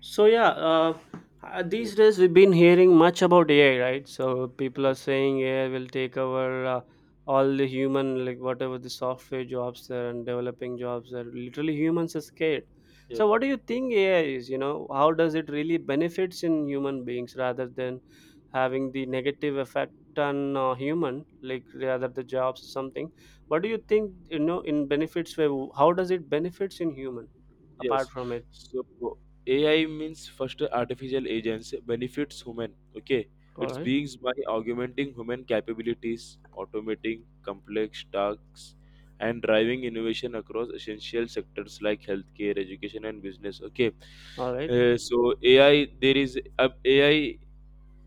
So yeah, Yes, these days we've been hearing much about AI, right? So people are yes, saying AI will take over all the human, like whatever the software jobs there and developing jobs there. Literally, humans are scared. yes, So what do you think AI is? You know, how does it really benefits in human beings rather than having the negative effect on human, like rather the jobs or something? What do you think? You know, in benefits, where how does it benefits in human apart yes. from it? So AI means first artificial agents benefits human. Okay, All it's right, beings by augmenting human capabilities, automating complex tasks, and driving innovation across essential sectors like healthcare, education, and business. Okay. all right. Uh, so AI there is uh, AI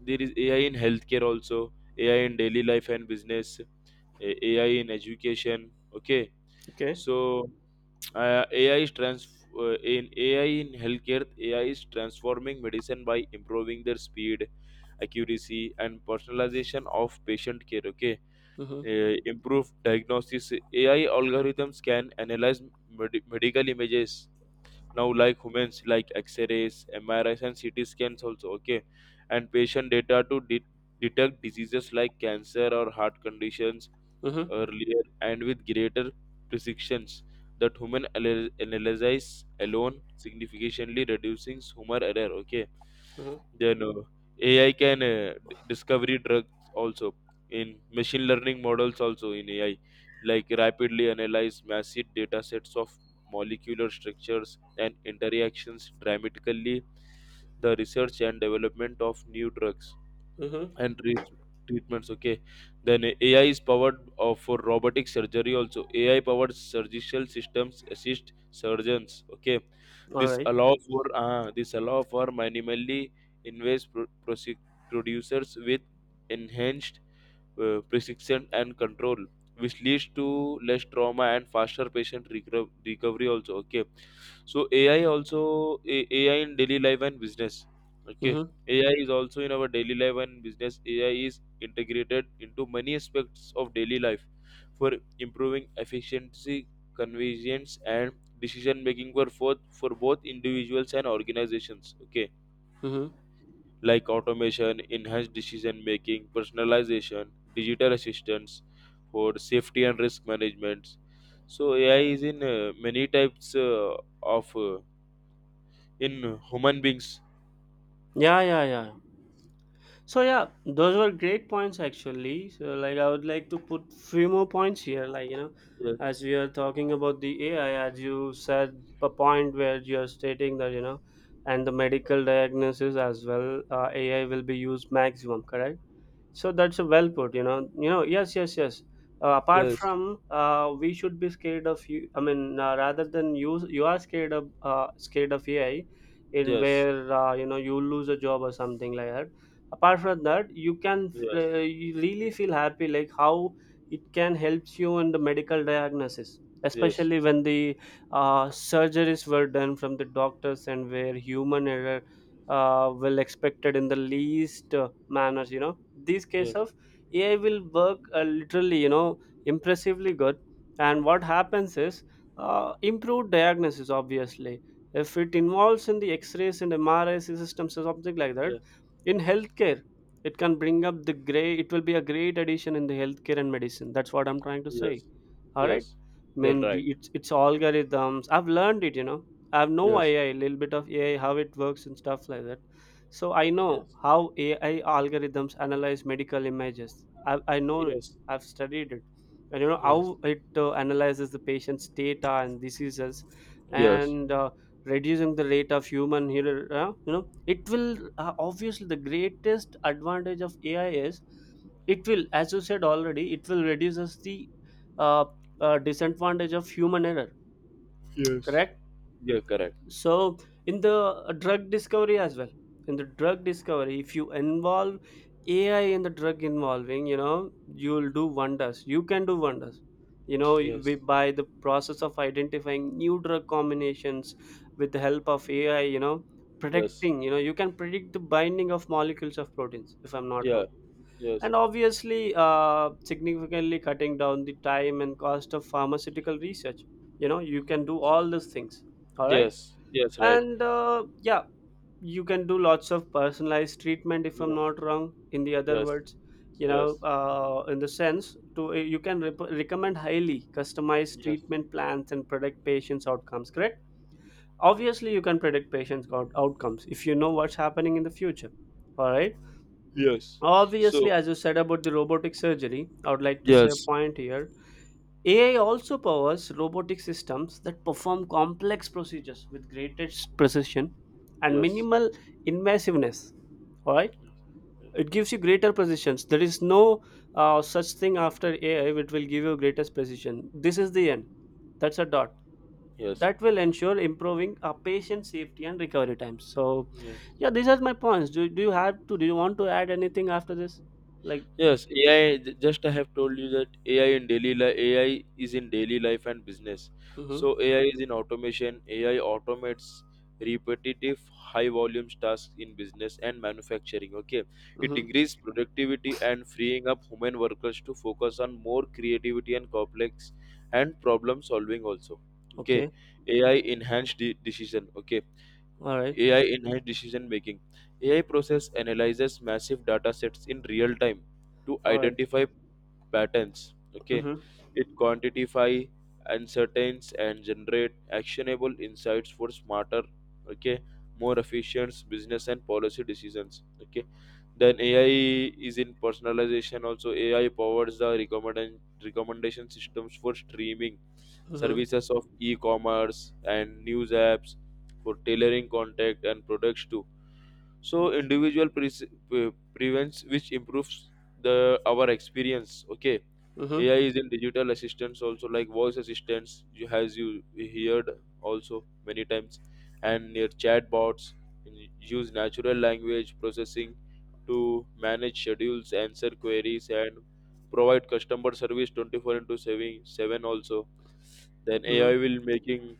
there is AI in healthcare also, AI in daily life and business, AI in education. Okay. Okay. So AI in healthcare. AI is transforming medicine by improving their speed, accuracy, and personalization of patient care. Okay, Mhm. Improve diagnosis. AI algorithms can analyze medical images now like humans, like x-rays, MRIs, and CT scans also. Okay, and patient data to detect diseases like cancer or heart conditions Mhm. earlier and with greater precisions that human analysis alone, significantly reducing human error. Okay, Mhm. then AI can discovery drugs also, in machine learning models also in AI, like rapidly analyze massive data sets of molecular structures and interactions, dramatically the research and development of new drugs Mhm. and treatments. Okay. Then AI is powered for robotic surgery also. AI powered surgical systems assist surgeons. Okay, All right. This allow for minimally invasive producers with enhanced precision and control, which leads to less trauma and faster patient recovery also. Okay, so AI also, AI in daily life and business. Okay. Mhm. AI is also in our daily life and business. AI is integrated into many aspects of daily life for improving efficiency, convenience, and decision making for both individuals and organizations. Okay, Mhm. like automation, enhanced decision making, personalization, digital assistance for safety and risk management. So AI is in many types of in human beings. Yeah, yeah, yeah. So yeah, those were great points actually. So like I would like to put few more points here, like you know, Yes, as we are talking about the AI, as you said a point where you are stating that you know, and the medical diagnosis as well, AI will be used maximum, correct? So that's a well put, you know. You know, yes, yes, yes. Apart yes, from, we should be scared of you. I mean, rather than you, you are scared of AI, in yes, where you know you lose a job or something like that. Apart from that, you can yes, you really feel happy, like how it can helps you in the medical diagnosis, yes, especially when the surgeries were done from the doctors and where human error well expected in the least manners, you know, these case yes, of ai will work literally you know impressively good and what happens is improved diagnosis, obviously if it involves in the x-rays and MRI systems or something like that yes, in yes, healthcare it can bring up the gray. It will be a great addition in the healthcare and medicine, that's what I'm trying to say. yes, All right. yes. I They're mean right. it's algorithms, I've learned it, you know. I have no Yes, AI little bit of AI how it works and stuff like that. So I know yes, how AI algorithms analyze medical images. I know it, yes, I've studied it, and you know yes, how it analyzes the patient's data and diseases, yes, and reducing the rate of human error. You know, it will, obviously the greatest advantage of AI is it will, as you said already, it will reduces the uh, disadvantage of human error, yes. correct. Yeah, correct. So in the drug discovery as well, in the drug discovery if you involve AI in the drug involving, you know, you'll do wonders, you can do wonders, you know, Yes, by the process of identifying new drug combinations with the help of AI, you know, yes, predicting, you know, you can predict the binding of molecules of proteins, if I'm not yeah, wrong, yes. and obviously significantly cutting down the time and cost of pharmaceutical research. You know, you can do all these things. All right. Yes, yes, right. And yeah, you can do lots of personalized treatment, if I'm Yeah, not wrong, in the other yes, words. You know, yes, in the sense to eh, you can rep- recommend highly customized yes, treatment plans and predict patients outcomes, correct. Obviously you can predict patients out- outcomes if you know what's happening in the future. All right. yes. Obviously, So, as you said about the robotic surgery, I would like to say a yes, point here. AI also powers robotic systems that perform complex procedures with greatest precision and yes, minimal invasiveness. All right, it gives you greater precision. There is no such thing after AI which will give you greatest precision. This is the end. That's a dot. yes, That yes, will ensure improving our patient safety and recovery times. So yes. yeah, these are my points. Do you have to? Do you want to add anything after this? Like. Yes, AI. Just I have told you that AI in daily life, AI is in daily life and business. Mhm. So AI is in automation. AI automates repetitive, high volume tasks in business and manufacturing. Okay, it Mhm. increases productivity and freeing up human workers to focus on more creativity and complex and problem solving also. Okay. Okay. AI enhanced decision. Okay. All right. AI enhanced decision making. AI process analyzes massive data sets in real time to All right. identify patterns. Okay, Mhm. it quantify uncertainties and generate actionable insights for smarter, okay, more efficient business and policy decisions. Okay. Then AI is in personalization. Also, AI powers the recommendation systems for streaming Mhm. services of e-commerce and news apps for tailoring contact and products too, so individual prevents, which improves the our experience. Okay. Mhm. AI is in digital assistants also, like voice assistants you has you heard also many times, and your chatbots use natural language processing to manage schedules, answer queries, and provide customer service 24 into 7 also. Then AI Mhm. will making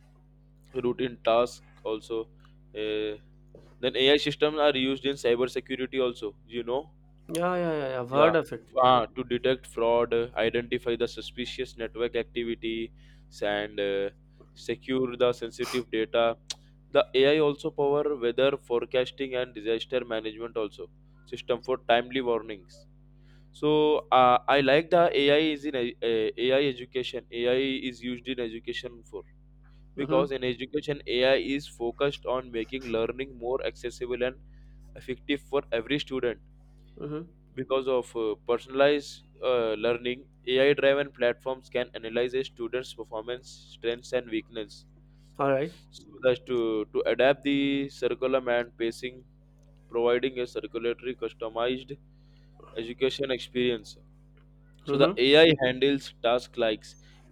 routine task also. Uh, then AI systems are used in cybersecurity also, you know? Yeah, yeah, yeah, yeah. I've Yeah. heard of it. To detect fraud, identify the suspicious network activity, and secure the sensitive data. The AI also power weather forecasting and disaster management also system for timely warnings. So I like the AI is in a, AI education. AI is used in education for, Mhm. because in education AI is focused on making learning more accessible and effective for every student Mhm. because of personalized learning. AI driven platforms can analyze a student's performance, strengths, and weakness All right. so that to adapt the curriculum and pacing, providing a circulatory customized education experience. So the Mhm. AI handles tasks like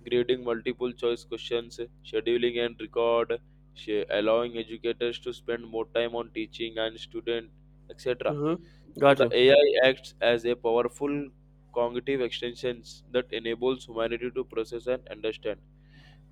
grading multiple choice questions, scheduling, and record, allowing educators to spend more time on teaching and student, etc. Mhm. So Got the you. AI acts as a powerful cognitive extension that enables humanity to process and understand.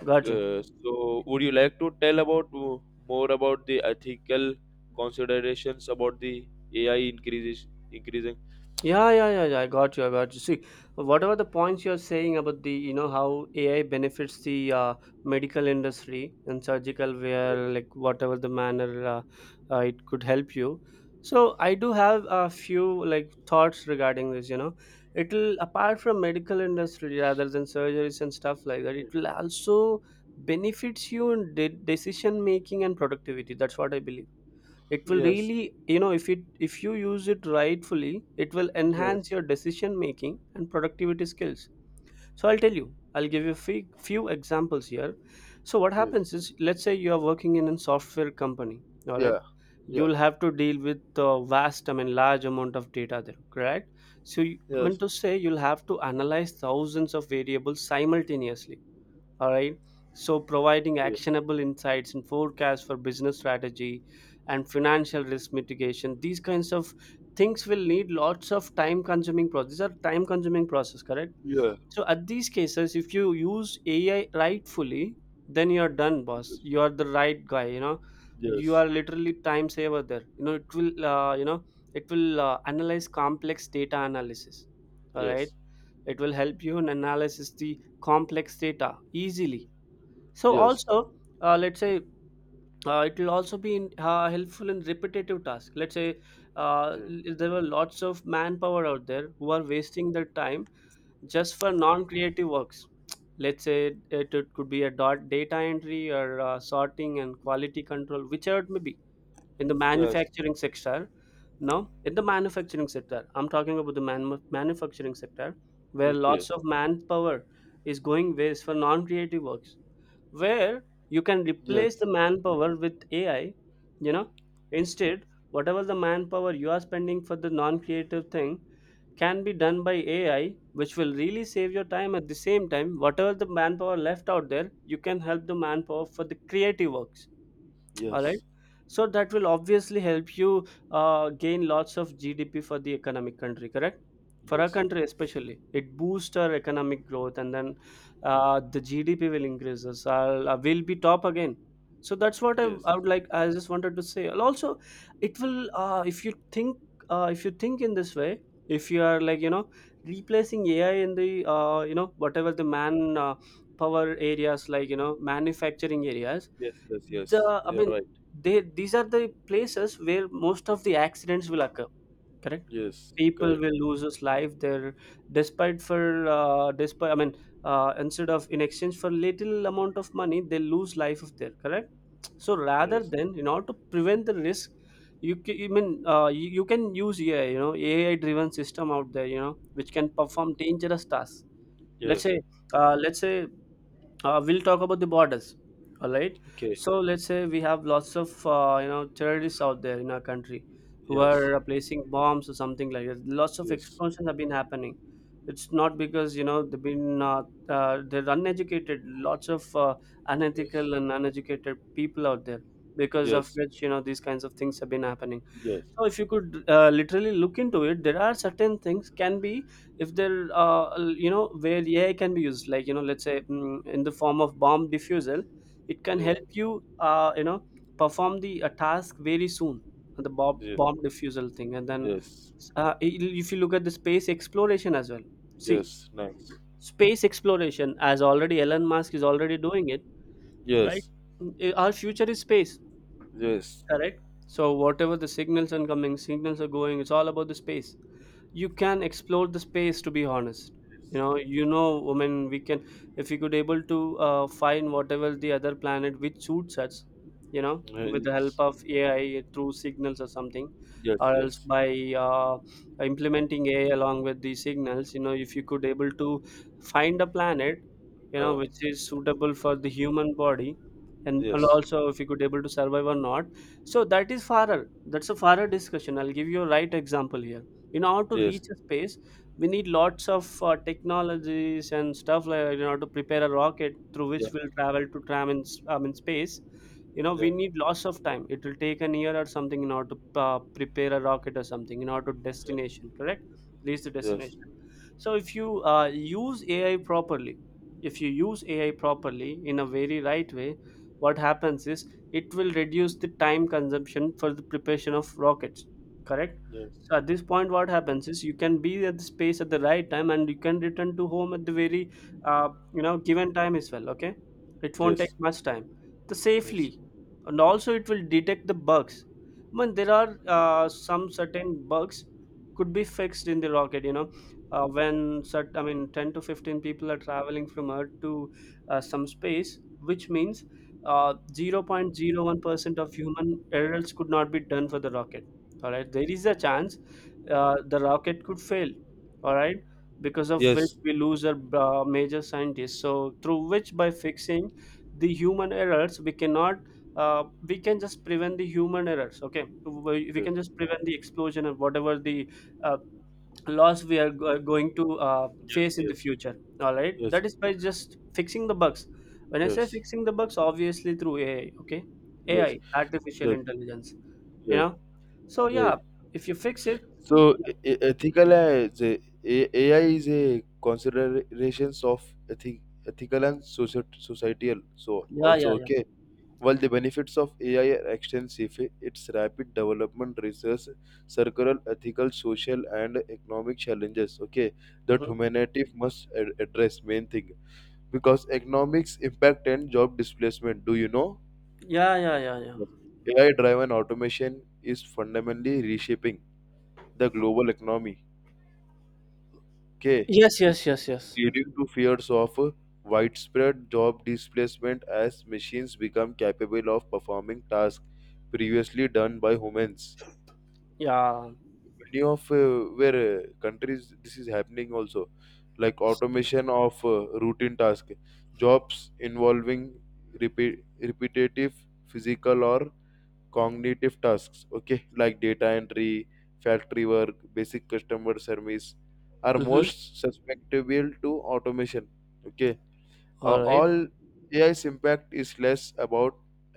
Got you. So would you like to tell about more about the ethical considerations about the AI increases increasing? Yeah, yeah, yeah, yeah. I got you. I got you. See, whatever the points you're saying about the, you know, how AI benefits the medical industry and surgical wear, Yes. like whatever the manner it could help you. So I do have a few like thoughts regarding this. You know, it'll, apart from medical industry rather than surgeries and stuff like that, it will also benefits you in de- decision making and productivity. That's what I believe. It will Yes. really, you know, if it, if you use it rightfully, it will enhance Yes. your decision making and productivity skills. So I'll tell you, I'll give you few examples here. So what Yes. happens is, let's say you are working in a software company, all right. Yeah. Yeah. You'll have to deal with vast, I mean large amount of data there, correct. So I mean Yes. to say you'll have to analyze thousands of variables simultaneously, all right. So, providing Yeah. actionable insights and forecasts for business strategy and financial risk mitigation, these kinds of things will need lots of time consuming process. These are time consuming process, correct? Yeah. So, at these cases, if you use AI rightfully, then you're done, boss. You Yes. are the right guy. You know, you Yes. are literally time saver there. You know, it will, you know, it will analyze complex data analysis. All right. Yes. It will help you in analysis the complex data easily. So Yes. also, let's say it will also be in, helpful in repetitive tasks. Let's say there were lots of manpower out there who are wasting their time just for non-creative works. Let's say it could be a dot data entry or sorting and quality control, whichever it may be in the Yes. manufacturing sector. Now, in the manufacturing sector, I'm talking about the man- manufacturing sector where Okay. lots of manpower is going waste for non-creative works, where you can replace the Yes. manpower with AI, you know, instead, whatever the manpower you are spending for the non creative thing can be done by AI, which will really save your time. At the same time, whatever the manpower left out there, you can help the manpower for the creative works. All right. Yes. So that will obviously help you gain lots of GDP for the economic country, correct. For our Yes. country especially, it boosts our economic growth, and then the GDP will increases. I will be top again. So that's what Yes. I would like, I just wanted to say. And also it will, if you think in this way, if you are, like you know, replacing AI in the, you know, whatever the man uh, power areas, like you know manufacturing areas, Yes. Yes. Yes. the I You're mean right. they, these are the places where most of the accidents will occur, correct. Yes. People Correct. will lose his life there, despite for despite I mean instead of, in exchange for little amount of money, they lose life of there, correct. So rather Yes. than, in order to prevent the risk, I mean, you can use AI, you know, AI driven system out there, you know, which can perform dangerous tasks. Let's Yes. say let's say we'll talk about the borders. All right. Okay. So let's say we have lots of, you know, terrorists out there in our country who Yes. are placing bombs or something like that. Lots of Yes. explosions have been happening. It's not because, you know, they've been they're uneducated. Lots of Yes. unethical and uneducated people out there, because of Yes. which, you know, these kinds of things have been happening. Yes. So if you could literally look into it, there are certain things can be, if they'll you know, where AI can be used, like you know, let's say mm, in the form of bomb diffusal, it can Yes. help you you know, perform the a task very soon, the bomb Yes. bomb diffusal thing. And then Yes. uh, i- if you look at the space exploration as well, see, Yes. Nice. space exploration as already Elon Musk is already doing it, right. Yes. I- our future is space, Yes. correct. So whatever the signals and coming signals are going, it's all about the space. You can explore the space, to be honest. You know, you know, I mean, we can, if we could able to find whatever the other planet which suits us, you know, with the help Yes. of ai through signals or something, Yes. or else Yes. by uh, implementing AI along with the signals, you know, if you could able to find a planet, you know, Uh. which is suitable for the human body, and Yes. also if you could able to survive or not. So that is far, that's a far discussion. I'll give you a right example here. In order to Yes. reach a space, we need lots of technologies and stuff, like in order to prepare a rocket through Yeah. which we'll travel to tram in, in space. We Yeah. need lots of time. It will take an year or something in order to prepare a rocket or something in order to Yes. destination, correct, reach the Yes. destination. So if you use ai properly, if you use ai properly in a very right way, what happens is it will reduce the time consumption for the preparation of rockets, correct? Yes. So at this point, what happens is you can be at the space at the right time, and you can return to home at the very, given time as well. Okay, it won't take Yes. much time. The Yes. safely, and also it will detect the bugs. I mean, there are some certain bugs could be fixed in the rocket. When I mean, 10 to 15 people are traveling from Earth to some space, which means 0.01% of human errors could not be done for the rocket. All right, there is a chance, the rocket could fail, all right, because of which Yes. we lose a major scientist. So through which by fixing the human errors, we cannot, uh, we can just prevent the human errors. Okay, we can Yes. just prevent the explosion and whatever the uh, loss we are going to Yes. face in the Yes. future, all right, Yes. that is by just fixing the bugs. When I say Yes. fixing the bugs, obviously through ai, okay, ai, Yes. artificial Yes. intelligence, you Yeah. know so Yeah. yeah, if you fix it, So ethical AI is a, AI is a considerations of ethic, ethical and social, societal. So yeah, yeah, also, yeah. okay. While the benefits of AI are extensive, its rapid development raises circular, ethical, social, and economic challenges. Okay, that Hmm. humanity must address. Main thing, because economics impact and job displacement. Do you know? Yeah, yeah, yeah, yeah. Yes. AI driven automation is fundamentally reshaping the global economy. Okay. Yes, yes, yes, yes. Leading to fears of widespread job displacement as machines become capable of performing tasks previously done by humans, Yeah. many of where countries this is happening also, like automation of routine task jobs involving repetitive physical or cognitive tasks. Okay, like data entry, factory work, basic customer service are Mm-hmm. most susceptible to automation. Okay, All right. all AI's impact is less about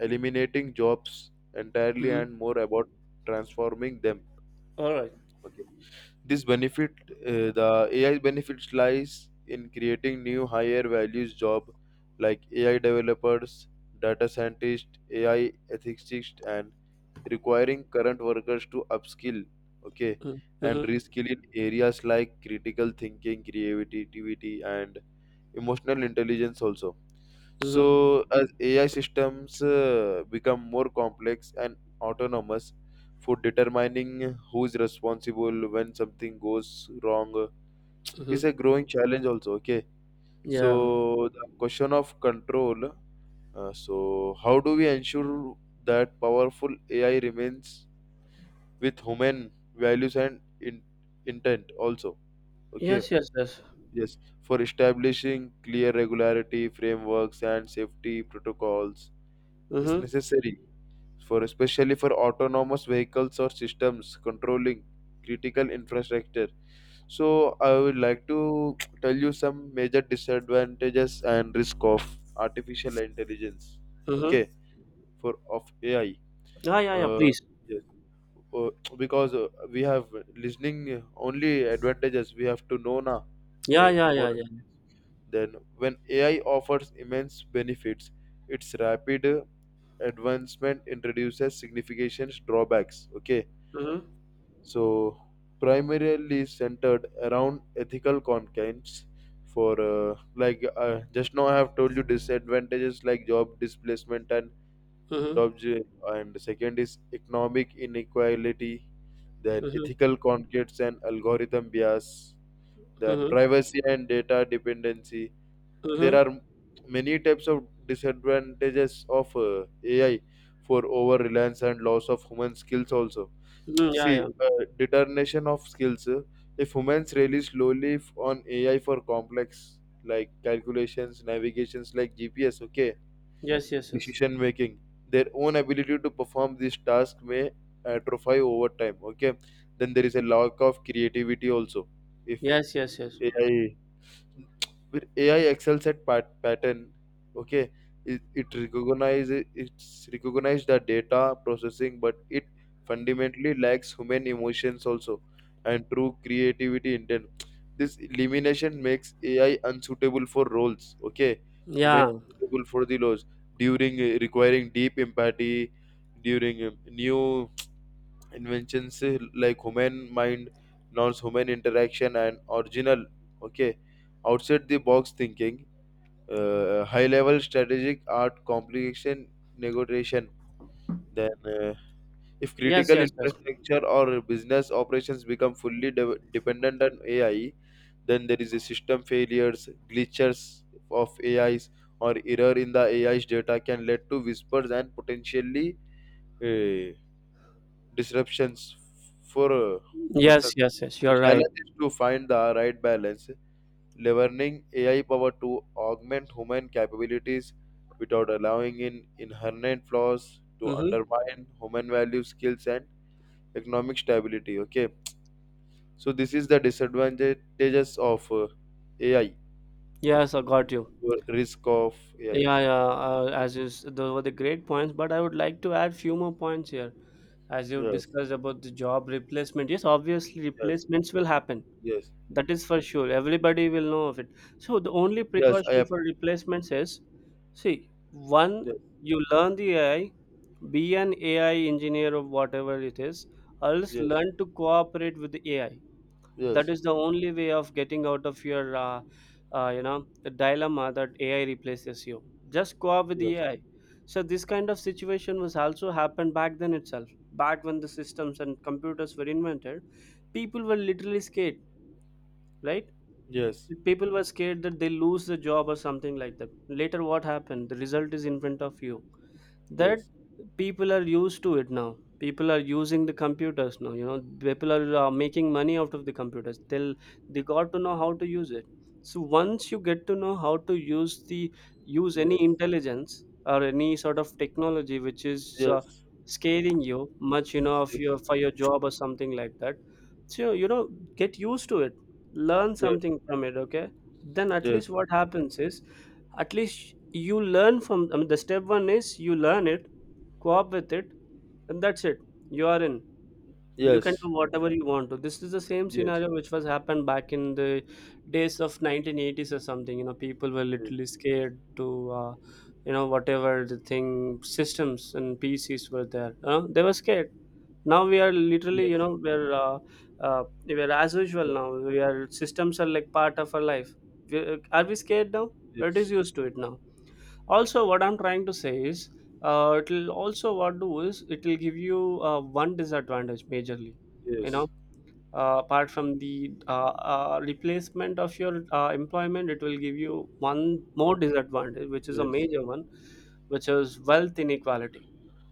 eliminating jobs entirely Mm-hmm. and more about transforming them. All right. Okay, this benefit, the AI benefits lies in creating new higher values job like AI developers, data scientists, AI ethicists, and requiring current workers to upskill, okay, Mm-hmm. and Mm-hmm. reskill in areas like critical thinking, creativity, and emotional intelligence also. So, as AI systems become more complex and autonomous, for determining who is responsible when something goes wrong Mm-hmm. is a growing challenge also. Okay. Yeah. So the question of control. So, how do we ensure that powerful AI remains with human values and intent also? Okay. Yes, yes, yes. Yes, for establishing clear regularity frameworks and safety protocols is Mm-hmm. necessary for, especially for autonomous vehicles or systems controlling critical infrastructure. So I would like to tell you some major disadvantages and risk of artificial intelligence. Mm-hmm. Okay, for of AI. Yeah, yeah, yeah. uh, Please. yes. Uh, because we have listening only advantages, we have to know now, Yeah, yeah, more yeah, yeah. than when AI offers immense benefits. It's rapid advancement introduces significant drawbacks. Okay, Mm-hmm. so primarily centered around ethical concerns for, like, just now I have told you disadvantages like job displacement and Mm-hmm. Second is economic inequality, then Mm-hmm. ethical conflicts and algorithm bias, then Mm-hmm. privacy and data dependency. There Mm-hmm. are many types of disadvantages of AI, for over reliance and loss of human skills also. Mm, yeah, See, yeah. Determination of skills. If humans rely slowly on AI for complex like calculations, navigations like GPS, okay, Yes, yes, yes. decision making, their own ability to perform this task may atrophy over time. Okay, then there is a lack of creativity also. If Yes, yes, yes. AI where AI excels at pattern, okay, it recognize, it's recognized the data processing, but it fundamentally lacks human emotions also and true creativity intent. This elimination makes AI unsuitable for roles, okay, human Yeah. suitable for the roles during, requiring deep empathy during, new inventions like human mind, non-human interaction and original, okay, outside the box thinking, high level strategic art complication, negotiation. Then if Yes, critical yes, yes. infrastructure or business operations become fully dependent on AI, then there is a system failures, glitches of AIs or error in the AI's data can lead to whispers and potentially uh, disruptions for Yes, persons. yes, yes. The You're right. challenge is to find the right balance, leveraging AI power to augment human capabilities without allowing in inherent flaws to Mm-hmm. undermine human value, skills, and economic stability. Okay, so this is the disadvantages of AI, Yes, I got you. or risk of AI. Yeah, yeah. As those were the great points, but I would like to add few more points here. As you Yes, discussed about the job replacement, yes, obviously yes, replacements will happen. yes, That is for sure. Everybody will know of it. So the only yes. I precaution have. for replacements is, see, one, Yes, you learn the AI, be an AI engineer or whatever it is, or else yes, learn to cooperate with the AI, that yes, is the only way of getting out of your the dilemma that ai replaces you. Just go up with the yes, ai. So this kind of situation was also happened back then itself, back when the systems and computers were invented. People were literally scared, right? yes, People were scared that they lose the job or something like that. Later what happened, the result is in front of you, that yes, yes, people are used to it now. People are using the computers now, people are making money out of the computers, they'll, they got to know how to use it. So once you get to know how to use the use yes, any intelligence or any sort of technology which is yes, scaring you much, of your for your job or something like that. So, get used to it. Learn yes, something from it, okay? Then at yes, yes, least what happens is, at least you learn from, I mean, the step one is you learn it, co-op with it, and that's it, you are in. You can yes. do whatever you want to. This is the same Yes, scenario which was happened back in the days of 1980s or something, people were yes, literally scared to uh, whatever the thing, systems and PCs were there, they were scared. Now we are literally, yes, we're as usual. yes, Now we are, systems are like part of our life. We, are we scared now? It is used to it now. Also, what I'm trying to say is, it'll also, what do is it'll give you one disadvantage majorly, you yes, know apart from the replacement of your employment, it will give you one more disadvantage, which is a major one, which is wealth inequality.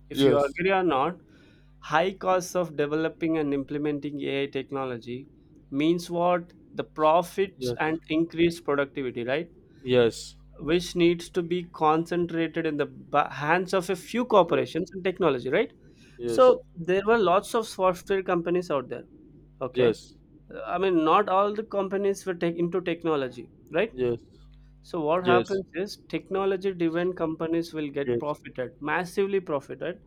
If you yes, yes, agree or not, high costs of developing and implementing ai technology means what? The profits and increased productivity, right? yes, yes, Which needs to be concentrated in the hands of a few corporations and technology, right? So yes, there were lots of software companies out there, yes, okay, yes, yes, yes, yes, I mean, not all the companies were tech into technology, right? yes, So what yes, happens is, technology driven companies will get profited, massively profited,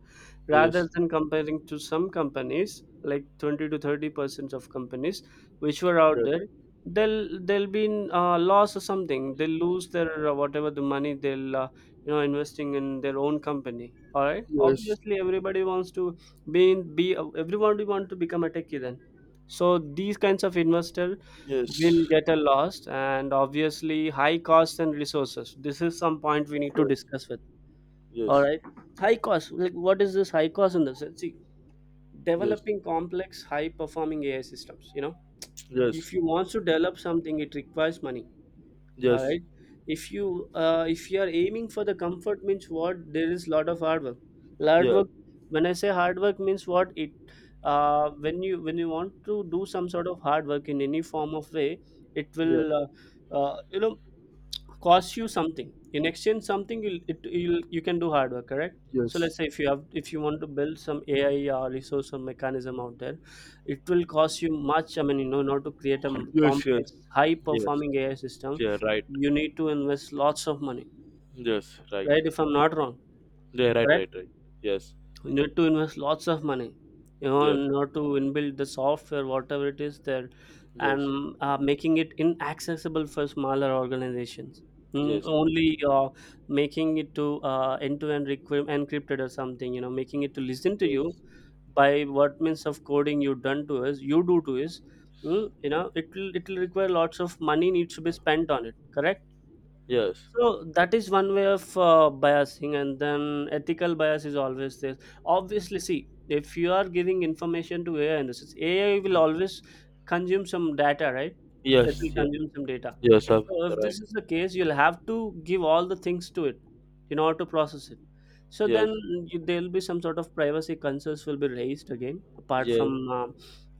yes, rather than comparing to some companies, like 20 to 30% of companies which were out there. They'll be in loss or something. They'll lose their whatever the money, they'll investing in their own company. All right, yes, obviously everybody wants to be in, be, everyone want to become a techie, then. So these kinds of investor yes, will yes, yes, get a yeah, loss, and obviously high costs and resources, this is some point we need to discuss with, all right. High cost. Like, what is this high cost in the sense? See, developing complex, high performing AI systems. You know, if you want to develop something, it requires money. All right. If you are aiming for the comfort, means what? There is lot of hard work. Hard work. When I say hard work, means what? It When you want to do some sort of hard work in any form of way, it yeah, will uh, you know costs you something in exchange, something you'll, it, you'll you can do hard work, correct? So yes, let's say, if you want to build some ai or resource or mechanism out there, it will cost you much, I mean, in order to create a yes, yes, complex, high yes, performing ai system, yeah, right, you need to invest lots of money, yes, right, right, if I'm not wrong? yeah, right, right, right, yes, You need to invest lots of money, yes, in order to inbuild the software, whatever it is there. yes, And making it inaccessible for smaller organizations. Mm, yes, only making it to end-to-end encrypted or something, making it to listen to you yes, by what means of coding you done to us, you do to us. It will require lots of money needs to be spent on it, correct? yes, So that is one way of biasing, and then ethical bias is always there. Obviously, see, if you are giving information to AI, and this is, AI will always consume some data, right? It yes, will yes, consume some data. yes, yes, So I if this right, is the case, you'll have to give all the things to it in order to process it. So yes. then you, there'll be some sort of privacy concerns will be raised again, apart Yeah, from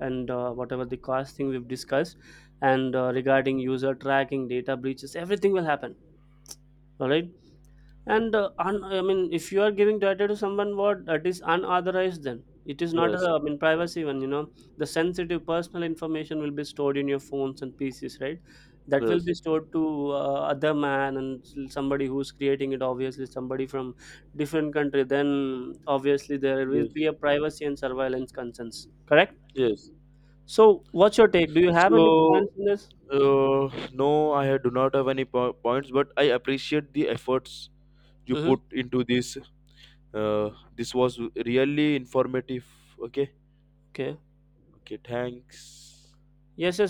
and whatever the cost thing we've discussed, and regarding user tracking, data breaches, everything will happen, all right. And I mean, if you are giving data to someone what that is unauthorized, then it is not a, yes, I mean, privacy one, the sensitive personal information will be stored in your phones and PCs, right? That will yes, be stored to other man and somebody who's creating it. Obviously, somebody from different country, then obviously there will yes, be a privacy and surveillance concerns, correct? yes. So what's your take? Do you have any So, points in this? No, I do not have any points, but I appreciate the efforts you Mm-hmm. put into this. This was really informative. Okay, Okay. okay, thanks. Yes.